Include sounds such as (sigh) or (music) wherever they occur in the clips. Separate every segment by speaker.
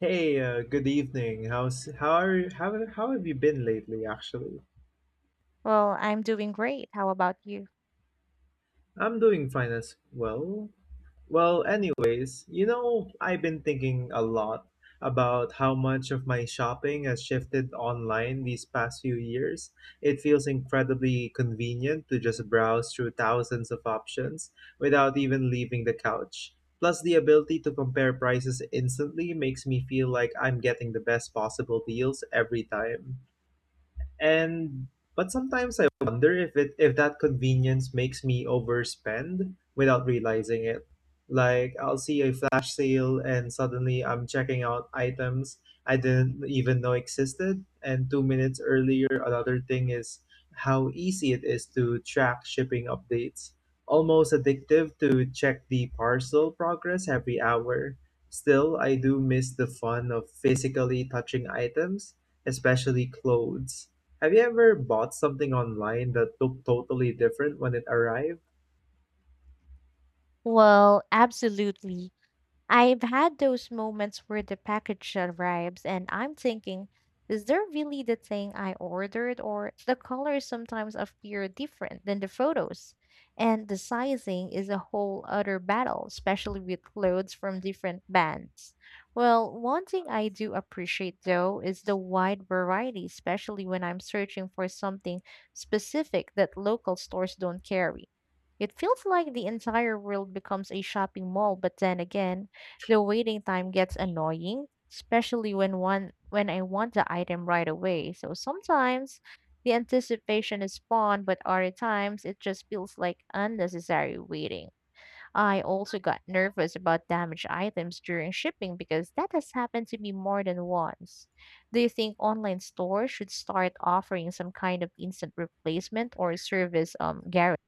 Speaker 1: Hey, good evening. How's how are how have you been lately, actually?
Speaker 2: Well, I'm doing great. How about you?
Speaker 1: I'm doing fine as well. Well, anyways, you know, I've been thinking a lot about how much of my shopping has shifted online these past few years. It feels incredibly convenient to just browse through thousands of options without even leaving the couch. Plus, the ability to compare prices instantly makes me feel like I'm getting the best possible deals every time. And but sometimes I wonder if that convenience makes me overspend without realizing it. Like, I'll see a flash sale and suddenly I'm checking out items I didn't even know existed, and 2 minutes earlier. Another thing is how easy it is to track shipping updates. Almost addictive to check the parcel progress every hour. Still, I do miss the fun of physically touching items, especially clothes. Have you ever bought something online that looked totally different when it arrived?
Speaker 2: Well, absolutely. I've had those moments where the package arrives and I'm thinking, is there really the thing I ordered? Or the colors sometimes appear different than the photos. And the sizing is a whole other battle, especially with clothes from different bands. Well, one thing I do appreciate though is the wide variety, especially when I'm searching for something specific that local stores don't carry. It feels like the entire world becomes a shopping mall, but then again, the waiting time gets annoying, especially when I want the item right away. So sometimes the anticipation is fun, but other times it just feels like unnecessary waiting. I also got nervous about damaged items during shipping because that has happened to me more than once. Do you think online stores should start offering some kind of instant replacement or service guarantee?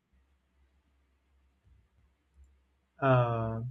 Speaker 1: Uh,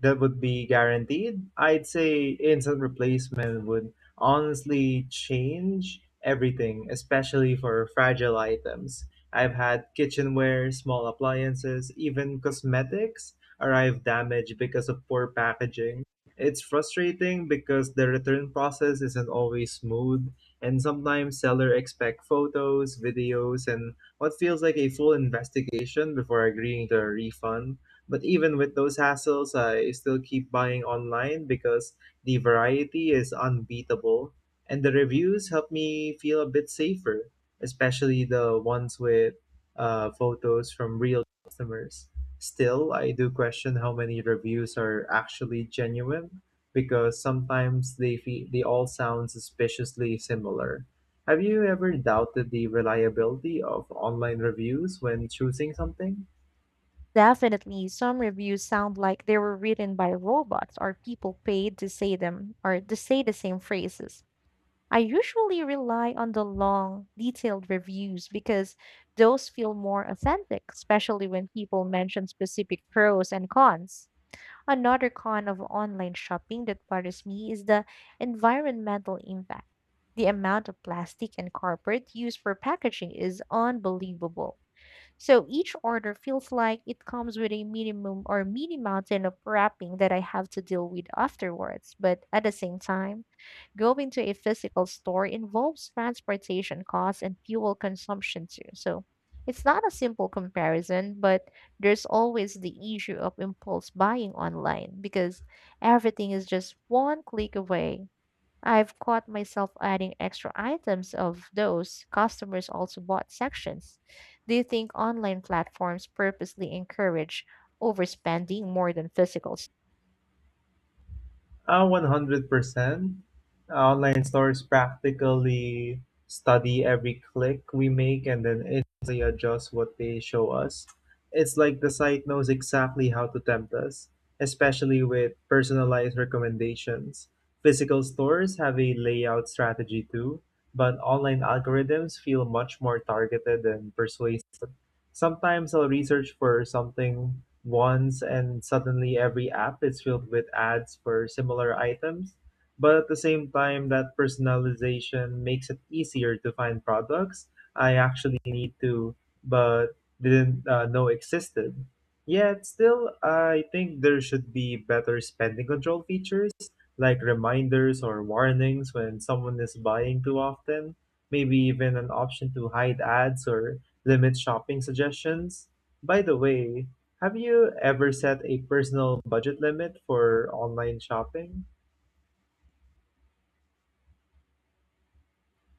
Speaker 1: that would be guaranteed. I'd say instant replacement would honestly change everything, especially for fragile items. I've had kitchenware, small appliances, even cosmetics arrive damaged because of poor packaging. It's frustrating because the return process isn't always smooth, and sometimes sellers expect photos, videos, and what feels like a full investigation before agreeing to a refund. But even with those hassles, I still keep buying online because the variety is unbeatable and the reviews help me feel a bit safer, especially the ones with photos from real customers. Still, I do question how many reviews are actually genuine because sometimes they all sound suspiciously similar. Have you ever doubted the reliability of online reviews when choosing something?
Speaker 2: Definitely, some reviews sound like they were written by robots or people paid to say them or to say the same phrases. I usually rely on the long, detailed reviews because those feel more authentic, especially when people mention specific pros and cons. Another con of online shopping that bothers me is the environmental impact. The amount of plastic and cardboard used for packaging is unbelievable, so each order feels like it comes with a minimum or mini mountain of wrapping that I have to deal with afterwards. But at the same time, going to a physical store involves transportation costs and fuel consumption too. So it's not a simple comparison, but there's always the issue of impulse buying online because everything is just one click away. I've caught myself adding extra items of those customers also bought sections. Do you think online platforms purposely encourage overspending more than physical?
Speaker 1: 100%. Online stores practically study every click we make and then instantly adjust what they show us. It's like the site knows exactly how to tempt us, especially with personalized recommendations. Physical stores have a layout strategy too, but online algorithms feel much more targeted and persuasive. Sometimes I'll research for something once and suddenly every app is filled with ads for similar items. But at the same time, that personalization makes it easier to find products I actually need to but didn't know existed. Yet still, I think there should be better spending control features like reminders or warnings when someone is buying too often. Maybe even an option to hide ads or limit shopping suggestions? By the way, have you ever set a personal budget limit for online shopping?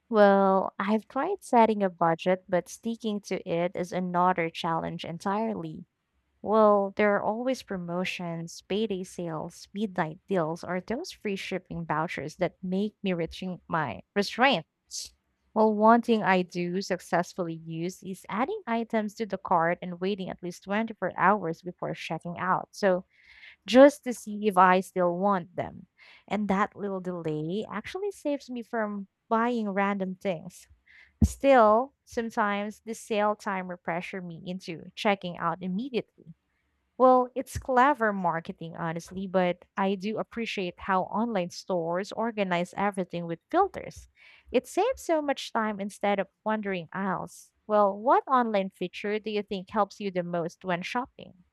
Speaker 2: Well, I've tried setting a budget, but sticking to it is another challenge entirely. Well, there are always promotions, payday sales, midnight deals, or those free shipping vouchers that make me reaching my restraint. Well, one thing I do successfully use is adding items to the cart and waiting at least 24 hours before checking out. So, just to see if I still want them. And that little delay actually saves me from buying random things. Still, sometimes the sale timer pressure me into checking out immediately. Well, it's clever marketing, honestly, but I do appreciate how online stores organize everything with filters. It saves so much time instead of wandering aisles. Well, what online feature do you think helps you the most when shopping?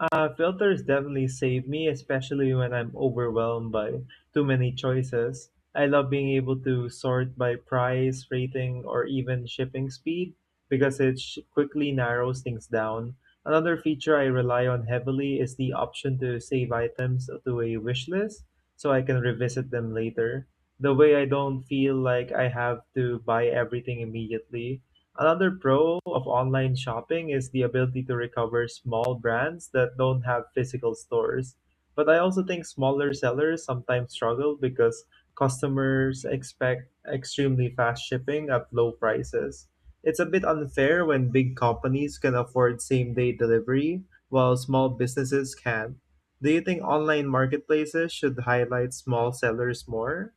Speaker 1: Filters definitely save me, especially when I'm overwhelmed by too many choices. I love being able to sort by price, rating, or even shipping speed because quickly narrows things down. Another feature I rely on heavily is the option to save items to a wish list so I can revisit them later. The way, I don't feel like I have to buy everything immediately. Another pro of online shopping is the ability to recover small brands that don't have physical stores. But I also think smaller sellers sometimes struggle because customers expect extremely fast shipping at low prices. It's a bit unfair when big companies can afford same day delivery while small businesses can't. Do you think online marketplaces should highlight small sellers more?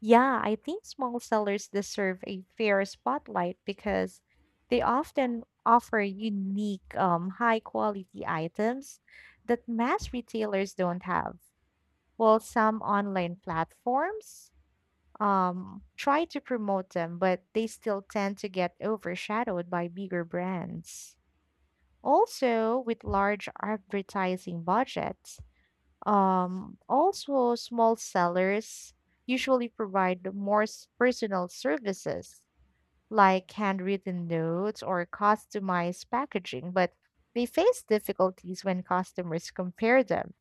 Speaker 2: Yeah, I think small sellers deserve a fair spotlight because they often offer unique, high quality items that mass retailers don't have. Well, some online platforms try to promote them, but they still tend to get overshadowed by bigger brands. Also, with large advertising budgets, also small sellers usually provide more personal services like handwritten notes or customized packaging, but they face difficulties when customers compare them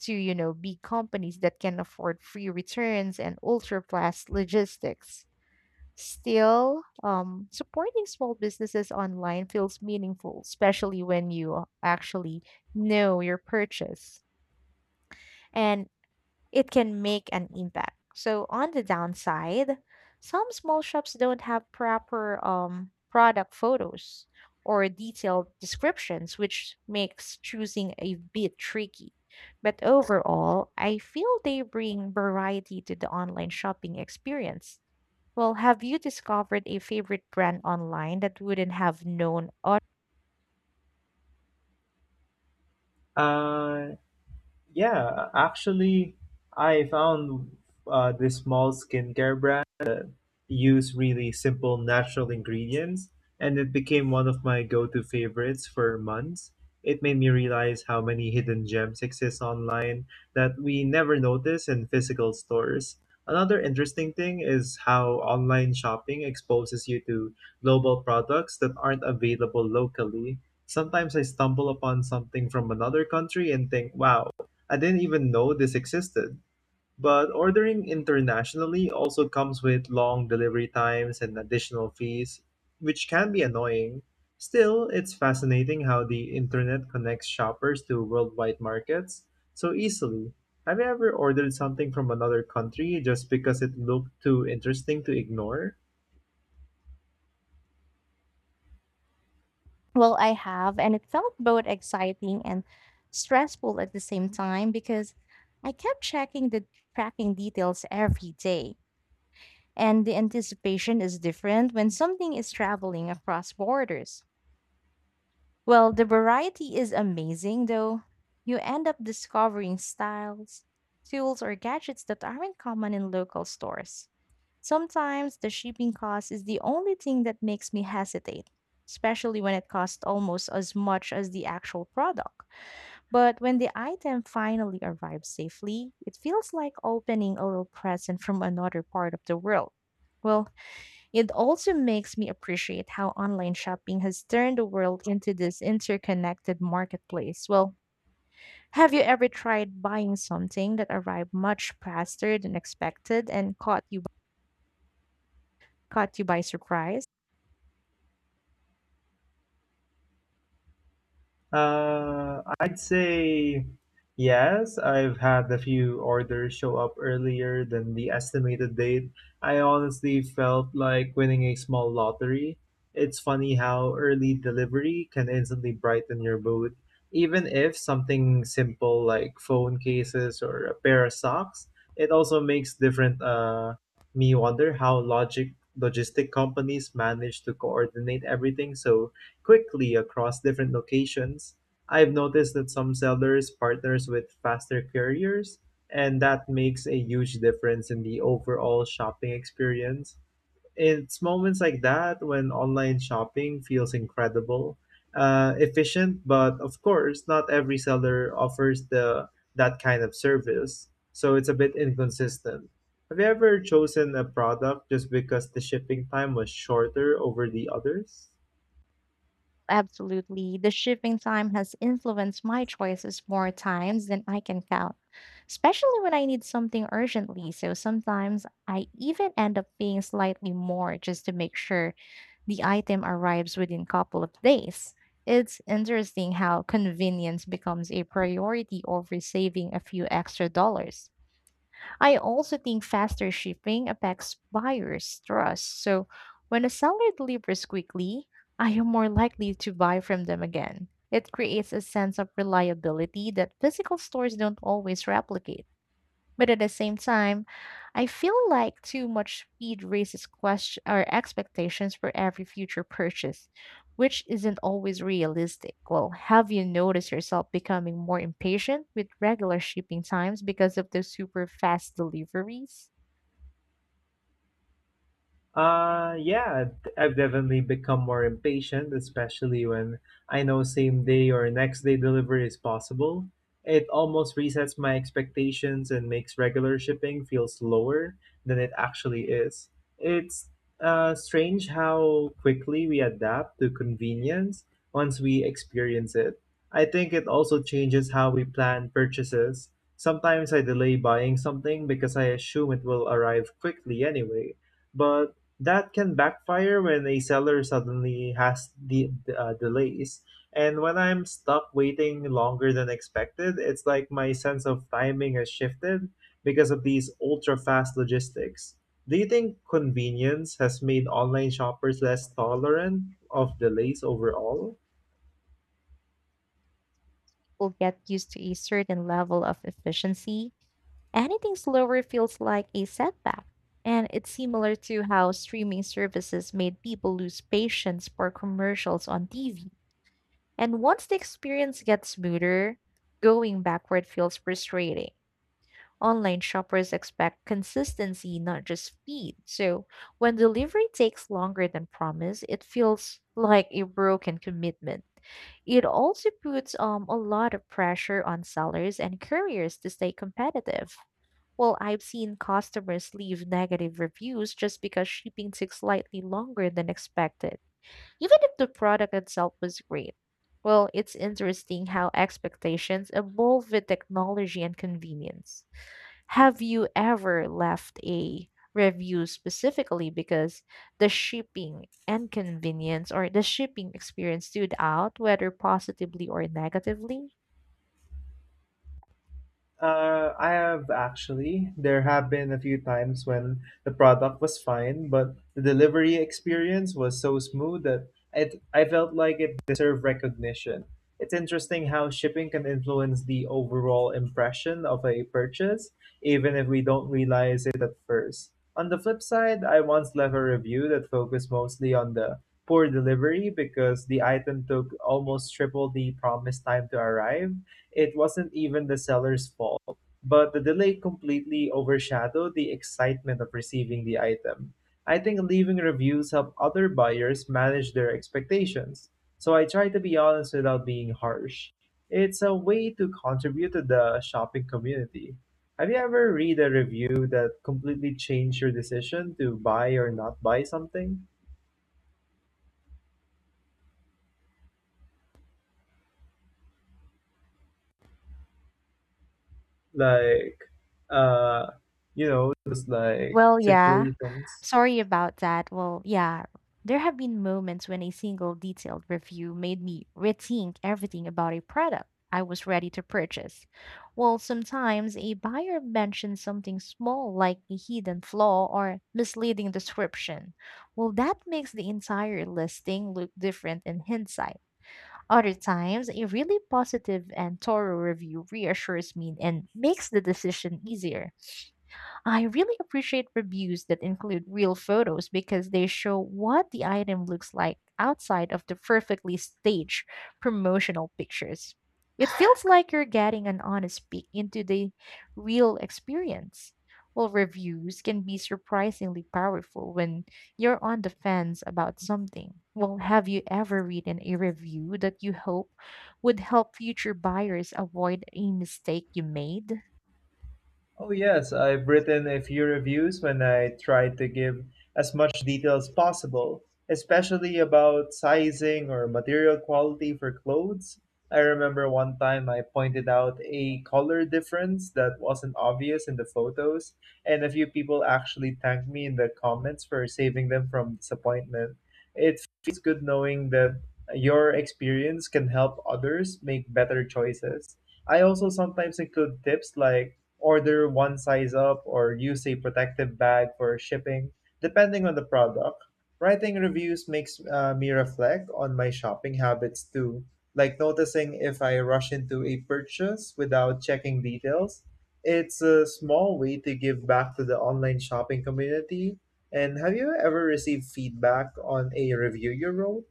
Speaker 2: to you know, big companies that can afford free returns and ultra-fast logistics. Still, supporting small businesses online feels meaningful, especially when you actually know your purchase and it can make an impact. So, on the downside, some small shops don't have proper product photos or detailed descriptions, which makes choosing a bit tricky. But overall, I feel they bring variety to the online shopping experience. Well, have you discovered a favorite brand online that wouldn't have known?
Speaker 1: Uh, Yeah, actually, I found this small skincare brand use really simple natural ingredients, and it became one of my go to favorites for months. It made me realize how many hidden gems exist online that we never notice in physical stores. Another interesting thing is how online shopping exposes you to global products that aren't available locally. Sometimes I stumble upon something from another country and think, wow, I didn't even know this existed. But ordering internationally also comes with long delivery times and additional fees, which can be annoying. Still, it's fascinating how the internet connects shoppers to worldwide markets so easily. Have you ever ordered something from another country just because it looked too interesting to ignore?
Speaker 2: Well, I have, and it felt both exciting and stressful at the same time because I kept checking the tracking details every day, and the anticipation is different when something is traveling across borders. Well, the variety is amazing, though. You end up discovering styles, tools, or gadgets that aren't common in local stores. Sometimes the shipping cost is the only thing that makes me hesitate, especially when it costs almost as much as the actual product. But when the item finally arrives safely, it feels like opening a little present from another part of the world. Well, it also makes me appreciate how online shopping has turned the world into this interconnected marketplace. Well, have you ever tried buying something that arrived much faster than expected and caught you by surprise?
Speaker 1: I'd say yes. I've had a few orders show up earlier than the estimated date. I honestly felt like winning a small lottery. It's funny how early delivery can instantly brighten your mood. Even if something simple like phone cases or a pair of socks, it also makes different me wonder how logic logistic companies manage to coordinate everything so quickly across different locations. I've noticed that some sellers partners with faster carriers, and that makes a huge difference in the overall shopping experience. It's moments like that when online shopping feels incredible, efficient, but of course, not every seller offers the that kind of service, so it's a bit inconsistent. Have you ever chosen a product just because the shipping time was shorter over the others?
Speaker 2: Absolutely. The shipping time has influenced my choices more times than I can count, especially when I need something urgently. So sometimes I even end up paying slightly more just to make sure the item arrives within a couple of days. It's interesting how convenience becomes a priority over saving a few extra dollars. I also think faster shipping affects buyers' trust. So when a seller delivers quickly, I am more likely to buy from them again. It creates a sense of reliability that physical stores don't always replicate. But at the same time, I feel like too much speed raises question or expectations for every future purchase, which isn't always realistic. Well, have you noticed yourself becoming more impatient with regular shipping times because of those super fast deliveries?
Speaker 1: Yeah, I've definitely become more impatient, especially when I know same day or next day delivery is possible. It almost resets my expectations and makes regular shipping feel slower than it actually is. It's strange how quickly we adapt to convenience once we experience it. I think it also changes how we plan purchases. Sometimes I delay buying something because I assume it will arrive quickly anyway, but that can backfire when a seller suddenly has the delays, and when I'm stuck waiting longer than expected, it's like my sense of timing has shifted because of these ultra fast logistics. Do you think convenience has made online shoppers less tolerant of delays overall?
Speaker 2: We'll get used to a certain level of efficiency. Anything slower feels like a setback. And it's similar to how streaming services made people lose patience for commercials on TV. And once the experience gets smoother, going backward feels frustrating. Online shoppers expect consistency, not just speed. So when delivery takes longer than promised, it feels like a broken commitment. It also puts a lot of pressure on sellers and couriers to stay competitive. Well, I've seen customers leave negative reviews just because shipping took slightly longer than expected, even if the product itself was great. Well, it's interesting how expectations evolve with technology and convenience. Have you ever left a review specifically because the shipping and convenience or the shipping experience stood out, whether positively or negatively?
Speaker 1: I have, actually. There have been a few times when the product was fine, but the delivery experience was so smooth I felt like it deserved recognition. It's interesting how shipping can influence the overall impression of a purchase, even if we don't realize it at first. On the flip side, I once left a review that focused mostly on the poor delivery because the item took almost triple the promised time to arrive. It wasn't even the seller's fault, but the delay completely overshadowed the excitement of receiving the item. I think leaving reviews help other buyers manage their expectations, so I try to be honest without being harsh. It's a way to contribute to the shopping community. Have you ever read a review that completely changed your decision to buy or not buy something? Like, uh, you know, just like
Speaker 2: Well, yeah.
Speaker 1: situations.
Speaker 2: Sorry about that. Well, yeah, there have been moments when a single detailed review made me rethink everything about a product I was ready to purchase. Well, sometimes a buyer mentions something small like a hidden flaw or misleading description. Well, that makes the entire listing look different in hindsight. Other times, a really positive and thorough review reassures me and makes the decision easier. I really appreciate reviews that include real photos because they show what the item looks like outside of the perfectly staged promotional pictures. It feels (sighs) like you're getting an honest peek into the real experience. Well, reviews can be surprisingly powerful when you're on the fence about something. Well, have you ever written a review that you hope would help future buyers avoid a mistake you made?
Speaker 1: Oh, yes, I've written a few reviews when I tried to give as much detail as possible, especially about sizing or material quality for clothes. I remember one time I pointed out a color difference that wasn't obvious in the photos, and a few people actually thanked me in the comments for saving them from disappointment. It feels good knowing that your experience can help others make better choices. I also sometimes include tips like order one size up or use a protective bag for shipping, depending on the product. Writing reviews makes me reflect on my shopping habits too, like noticing if I rush into a purchase without checking details. It's a small way to give back to the online shopping community. And have you ever received feedback on a review you wrote?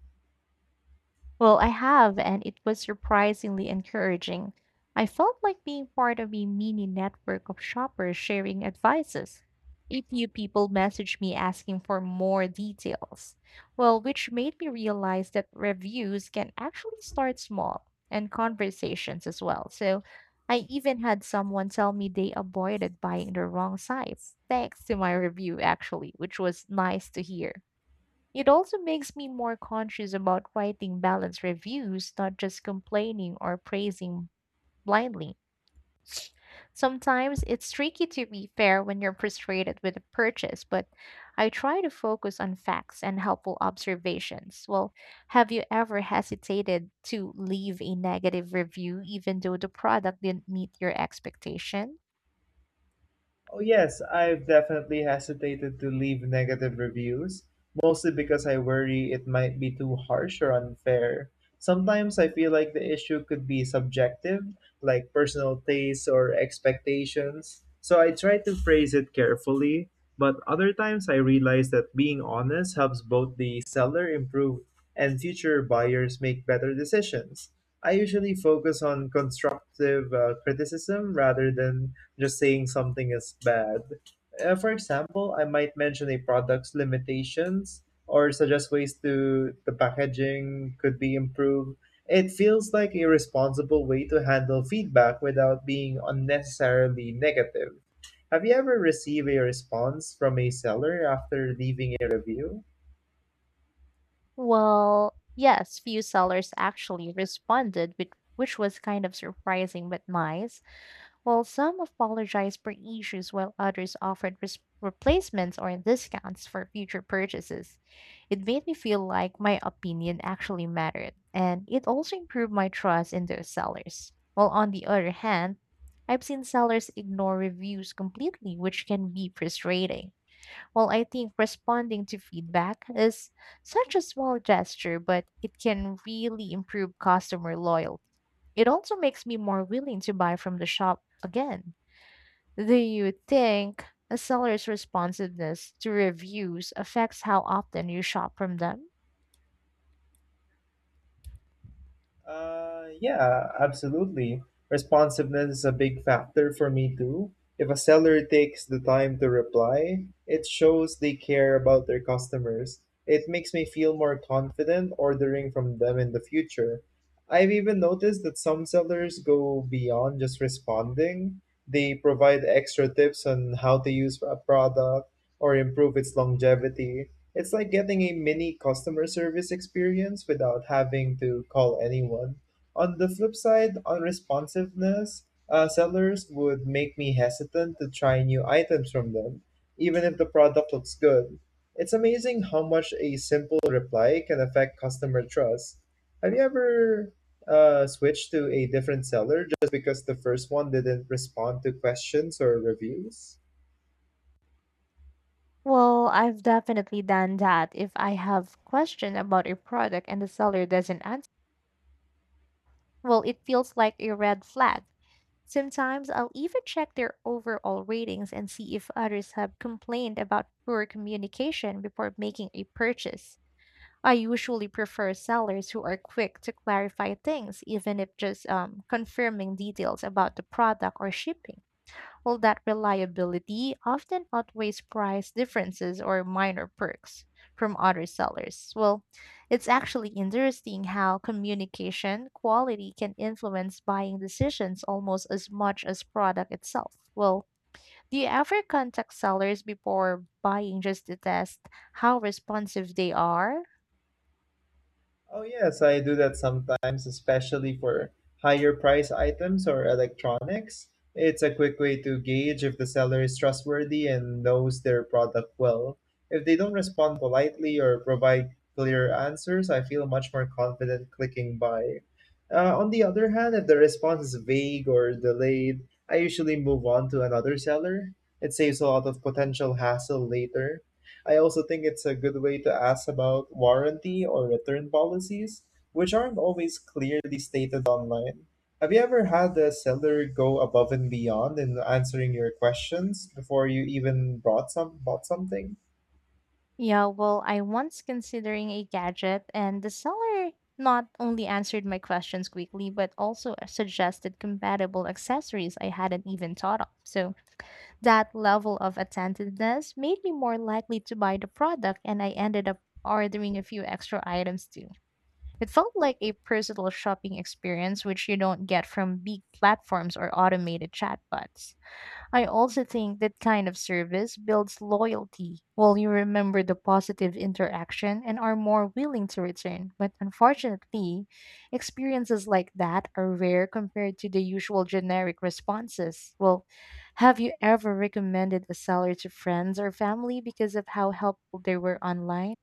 Speaker 2: Well, I have, and it was surprisingly encouraging. I felt like being part of a mini network of shoppers sharing advices. A few people messaged me asking for more details. Well, which made me realize that reviews can actually start small and conversations as well. So I even had someone tell me they avoided buying the wrong size, thanks to my review, actually, which was nice to hear. It also makes me more conscious about writing balanced reviews, not just complaining or praising blindly. Sometimes it's tricky to be fair when you're frustrated with a purchase, but I try to focus on facts and helpful observations. Well, have you ever hesitated to leave a negative review even though the product didn't meet your expectation?
Speaker 1: Oh, yes, I've definitely hesitated to leave negative reviews, mostly because I worry it might be too harsh or unfair. Sometimes I feel like the issue could be subjective, like personal tastes or expectations, so I try to phrase it carefully. But other times I realize that being honest helps both the seller improve and future buyers make better decisions. I usually focus on constructive criticism rather than just saying something is bad. For example, I might mention a product's limitations or suggest ways to the packaging could be improved. It feels like a responsible way to handle feedback without being unnecessarily negative. Have you ever received a response from a seller after leaving a review?
Speaker 2: Well, yes, few sellers actually responded, which was kind of surprising but nice. While some apologized for issues, while others offered replacements or discounts for future purchases, it made me feel like my opinion actually mattered, and it also improved my trust in those sellers. While on the other hand, I've seen sellers ignore reviews completely, which can be frustrating. While I think responding to feedback is such a small gesture, but it can really improve customer loyalty. It also makes me more willing to buy from the shop again. Do you think a seller's responsiveness to reviews affects how often you shop from them?
Speaker 1: Yeah, absolutely. Responsiveness is a big factor for me too. If a seller takes the time to reply, it shows they care about their customers. It makes me feel more confident ordering from them in the future. I've even noticed that some sellers go beyond just responding. They provide extra tips on how to use a product or improve its longevity. It's like getting a mini customer service experience without having to call anyone. On the flip side, responsiveness, sellers would make me hesitant to try new items from them, even if the product looks good. It's amazing how much a simple reply can affect customer trust. Have you ever switched to a different seller just because the first one didn't respond to questions or reviews?
Speaker 2: Well, I've definitely done that. If I have question about a product and the seller doesn't answer, well, it feels like a red flag. Sometimes I'll even check their overall ratings and see if others have complained about poor communication before making a purchase. I usually prefer sellers who are quick to clarify things, even if just confirming details about the product or shipping. Well, that reliability often outweighs price differences or minor perks from other sellers. Well, it's actually interesting how communication quality can influence buying decisions almost as much as product itself. Well, do you ever contact sellers before buying just to test how responsive they are?
Speaker 1: Oh, yes, I do that sometimes, especially for higher price items or electronics. It's a quick way to gauge if the seller is trustworthy and knows their product well. If they don't respond politely or provide clear answers, I feel much more confident clicking buy. On the other hand, if the response is vague or delayed, I usually move on to another seller. It saves a lot of potential hassle later. I also think it's a good way to ask about warranty or return policies, which aren't always clearly stated online. Have you ever had a seller go above and beyond in answering your questions before you even brought some bought something?
Speaker 2: Yeah, well, I once considering a gadget and the seller not only answered my questions quickly but also suggested compatible accessories I hadn't even thought of. So, that level of attentiveness made me more likely to buy the product and I ended up ordering a few extra items too. It felt like a personal shopping experience which you don't get from big platforms or automated chatbots. I also think that kind of service builds loyalty, while you remember the positive interaction and are more willing to return. But unfortunately, experiences like that are rare compared to the usual generic responses. Well, have you ever recommended a seller to friends or family because of how helpful they were online?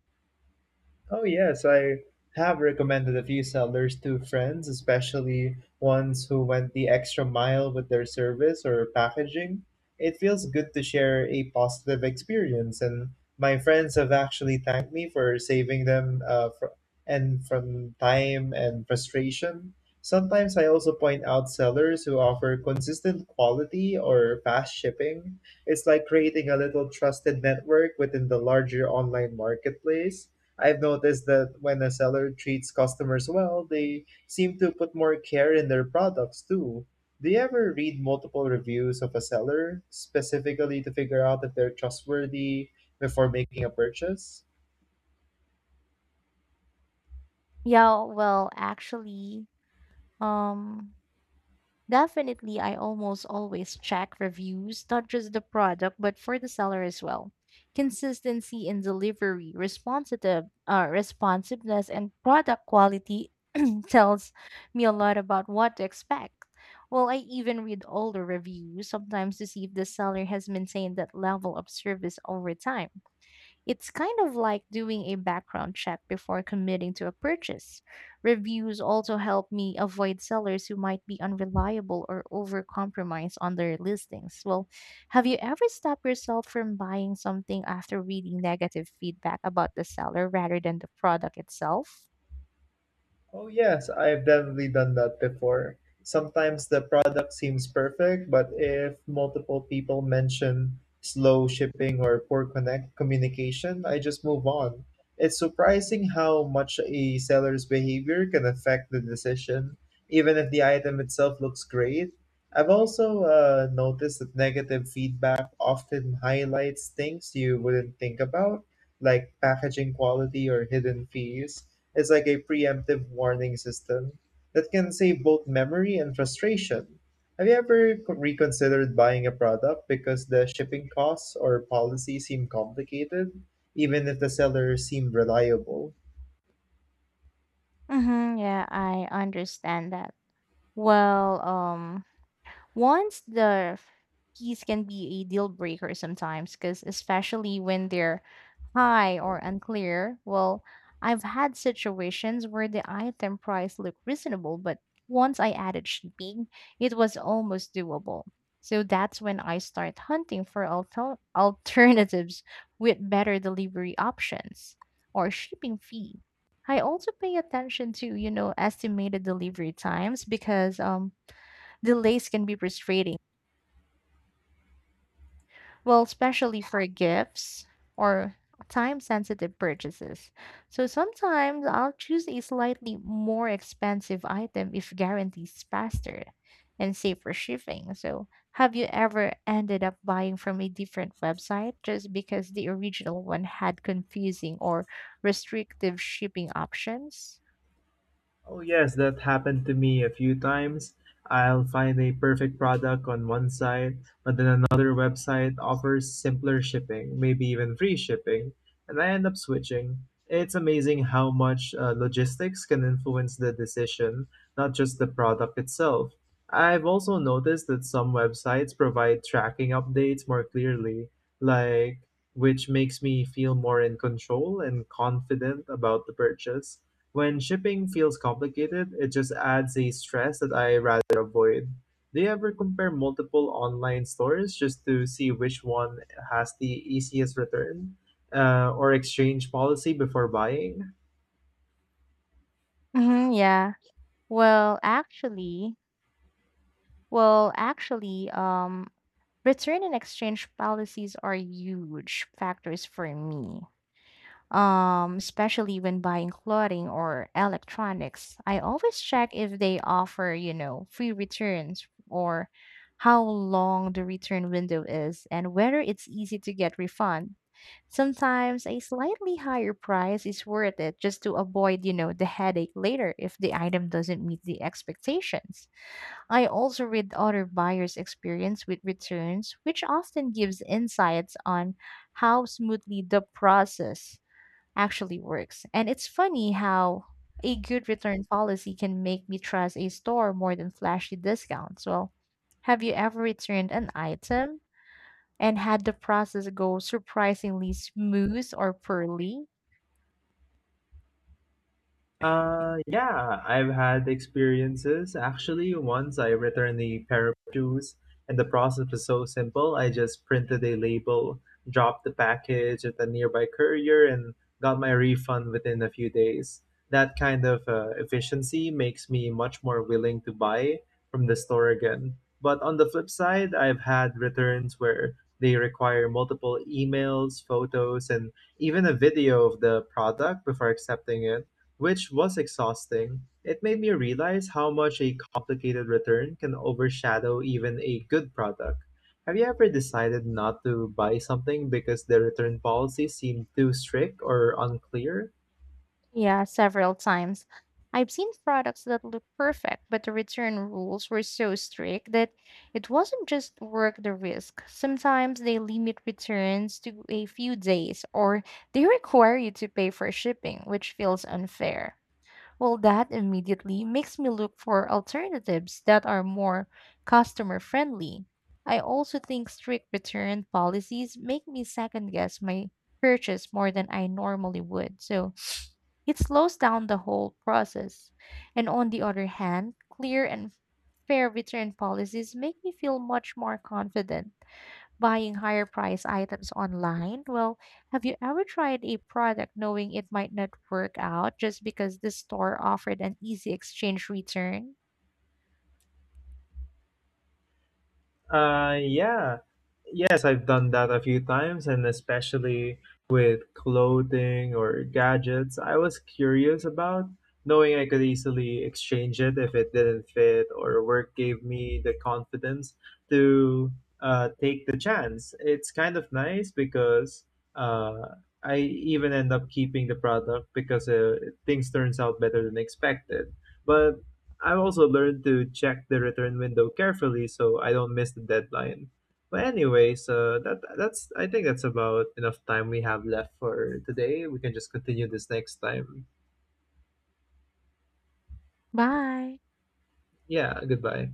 Speaker 1: Oh, yes, I have recommended a few sellers to friends, especially ones who went the extra mile with their service or packaging. It feels good to share a positive experience, and my friends have actually thanked me for saving them and from time and frustration. Sometimes I also point out sellers who offer consistent quality or fast shipping. It's like creating a little trusted network within the larger online marketplace. I've noticed that when a seller treats customers well, they seem to put more care in their products too. Do you ever read multiple reviews of a seller specifically to figure out if they're trustworthy before making a purchase?
Speaker 2: Yeah, well, actually, um, definitely, I almost always check reviews, not just the product, but for the seller as well. Consistency in delivery, responsiveness, and product quality (clears throat) tells me a lot about what to expect. Well, I even read older reviews sometimes to see if the seller has maintained that level of service over time. It's kind of like doing a background check before committing to a purchase. Reviews also help me avoid sellers who might be unreliable or overcompromise on their listings. Well, have you ever stopped yourself from buying something after reading negative feedback about the seller rather than the product itself?
Speaker 1: Oh, yes, I've definitely done that before. Sometimes the product seems perfect, but if multiple people mention slow shipping or poor connect communication, I just move on. It's surprising how much a seller's behavior can affect the decision, even if the item itself looks great. I've also noticed that negative feedback often highlights things you wouldn't think about, like packaging quality or hidden fees. It's like a preemptive warning system that can save both memory and frustration. Have you ever reconsidered buying a product because the shipping costs or policy seem complicated, even if the seller seemed reliable?
Speaker 2: Mm-hmm, yeah, I understand that. Well, once the keys can be a deal breaker sometimes, because especially when they're high or unclear. Well, I've had situations where the item price looked reasonable, but once I added shipping, it was almost doable. So that's when I start hunting for (laughs) alternatives with better delivery options or shipping fee. I also pay attention to, you know, estimated delivery times because delays can be frustrating. Well, especially for gifts or time sensitive purchases. So sometimes I'll choose a slightly more expensive item if guarantees faster and safer shipping. So, have you ever ended up buying from a different website just because the original one had confusing or restrictive shipping options?
Speaker 1: Oh, yes, that happened to me a few times. I'll find a perfect product on one site, but then another website offers simpler shipping, maybe even free shipping, and I end up switching. It's amazing how much logistics can influence the decision, not just the product itself. I've also noticed that some websites provide tracking updates more clearly, like which makes me feel more in control and confident about the purchase when shipping feels complicated, it just adds a stress that I rather avoid. Do you ever compare multiple online stores just to see which one has the easiest return or exchange policy before buying?
Speaker 2: Hmm, yeah. Well, actually, well, actually, um, Return and exchange policies are huge factors for me. Especially when buying clothing or electronics, I always check if they offer, you know, free returns or how long the return window is and whether it's easy to get refund. Sometimes a slightly higher price is worth it just to avoid, you know, the headache later if the item doesn't meet the expectations. I also read other buyers' experience with returns, which often gives insights on how smoothly the process actually works. And it's funny how a good return policy can make me trust a store more than flashy discounts. Well, have you ever returned an item and had the process go surprisingly smooth or poorly?
Speaker 1: Yeah, I've had experiences. Actually, once I returned a pair of shoes, and the process was so simple. I just printed a label, dropped the package at the nearby courier, and got my refund within a few days. That kind of efficiency makes me much more willing to buy from the store again. But on the flip side, I've had returns where they require multiple emails, photos, and even a video of the product before accepting it which was exhausting. It made me realize how much a complicated return can overshadow even a good product. Have you ever decided not to buy something because the return policy seemed too strict or unclear?
Speaker 2: Yeah, several times. I've seen products that look perfect, but the return rules were so strict that it wasn't just worth the risk. Sometimes they limit returns to a few days or they require you to pay for shipping, which feels unfair. Well, that immediately makes me look for alternatives that are more customer friendly. I also think strict return policies make me second guess my purchase more than I normally would. So, it slows down the whole process. And on the other hand, clear and fair return policies make me feel much more confident buying higher price items online. Well, have you ever tried a product knowing it might not work out just because the store offered an easy exchange return?
Speaker 1: Yeah. Yes, I've done that a few times, and especially with clothing or gadgets, I was curious about knowing I could easily exchange it if it didn't fit, or work gave me the confidence to take the chance. It's kind of nice because uh, I even end up keeping the product because things turns out better than expected. But I've also learned to check the return window carefully so I don't miss the deadline. But anyways, that's I think that's about enough time we have left for today. We can just continue this next time.
Speaker 2: Bye.
Speaker 1: Yeah, goodbye.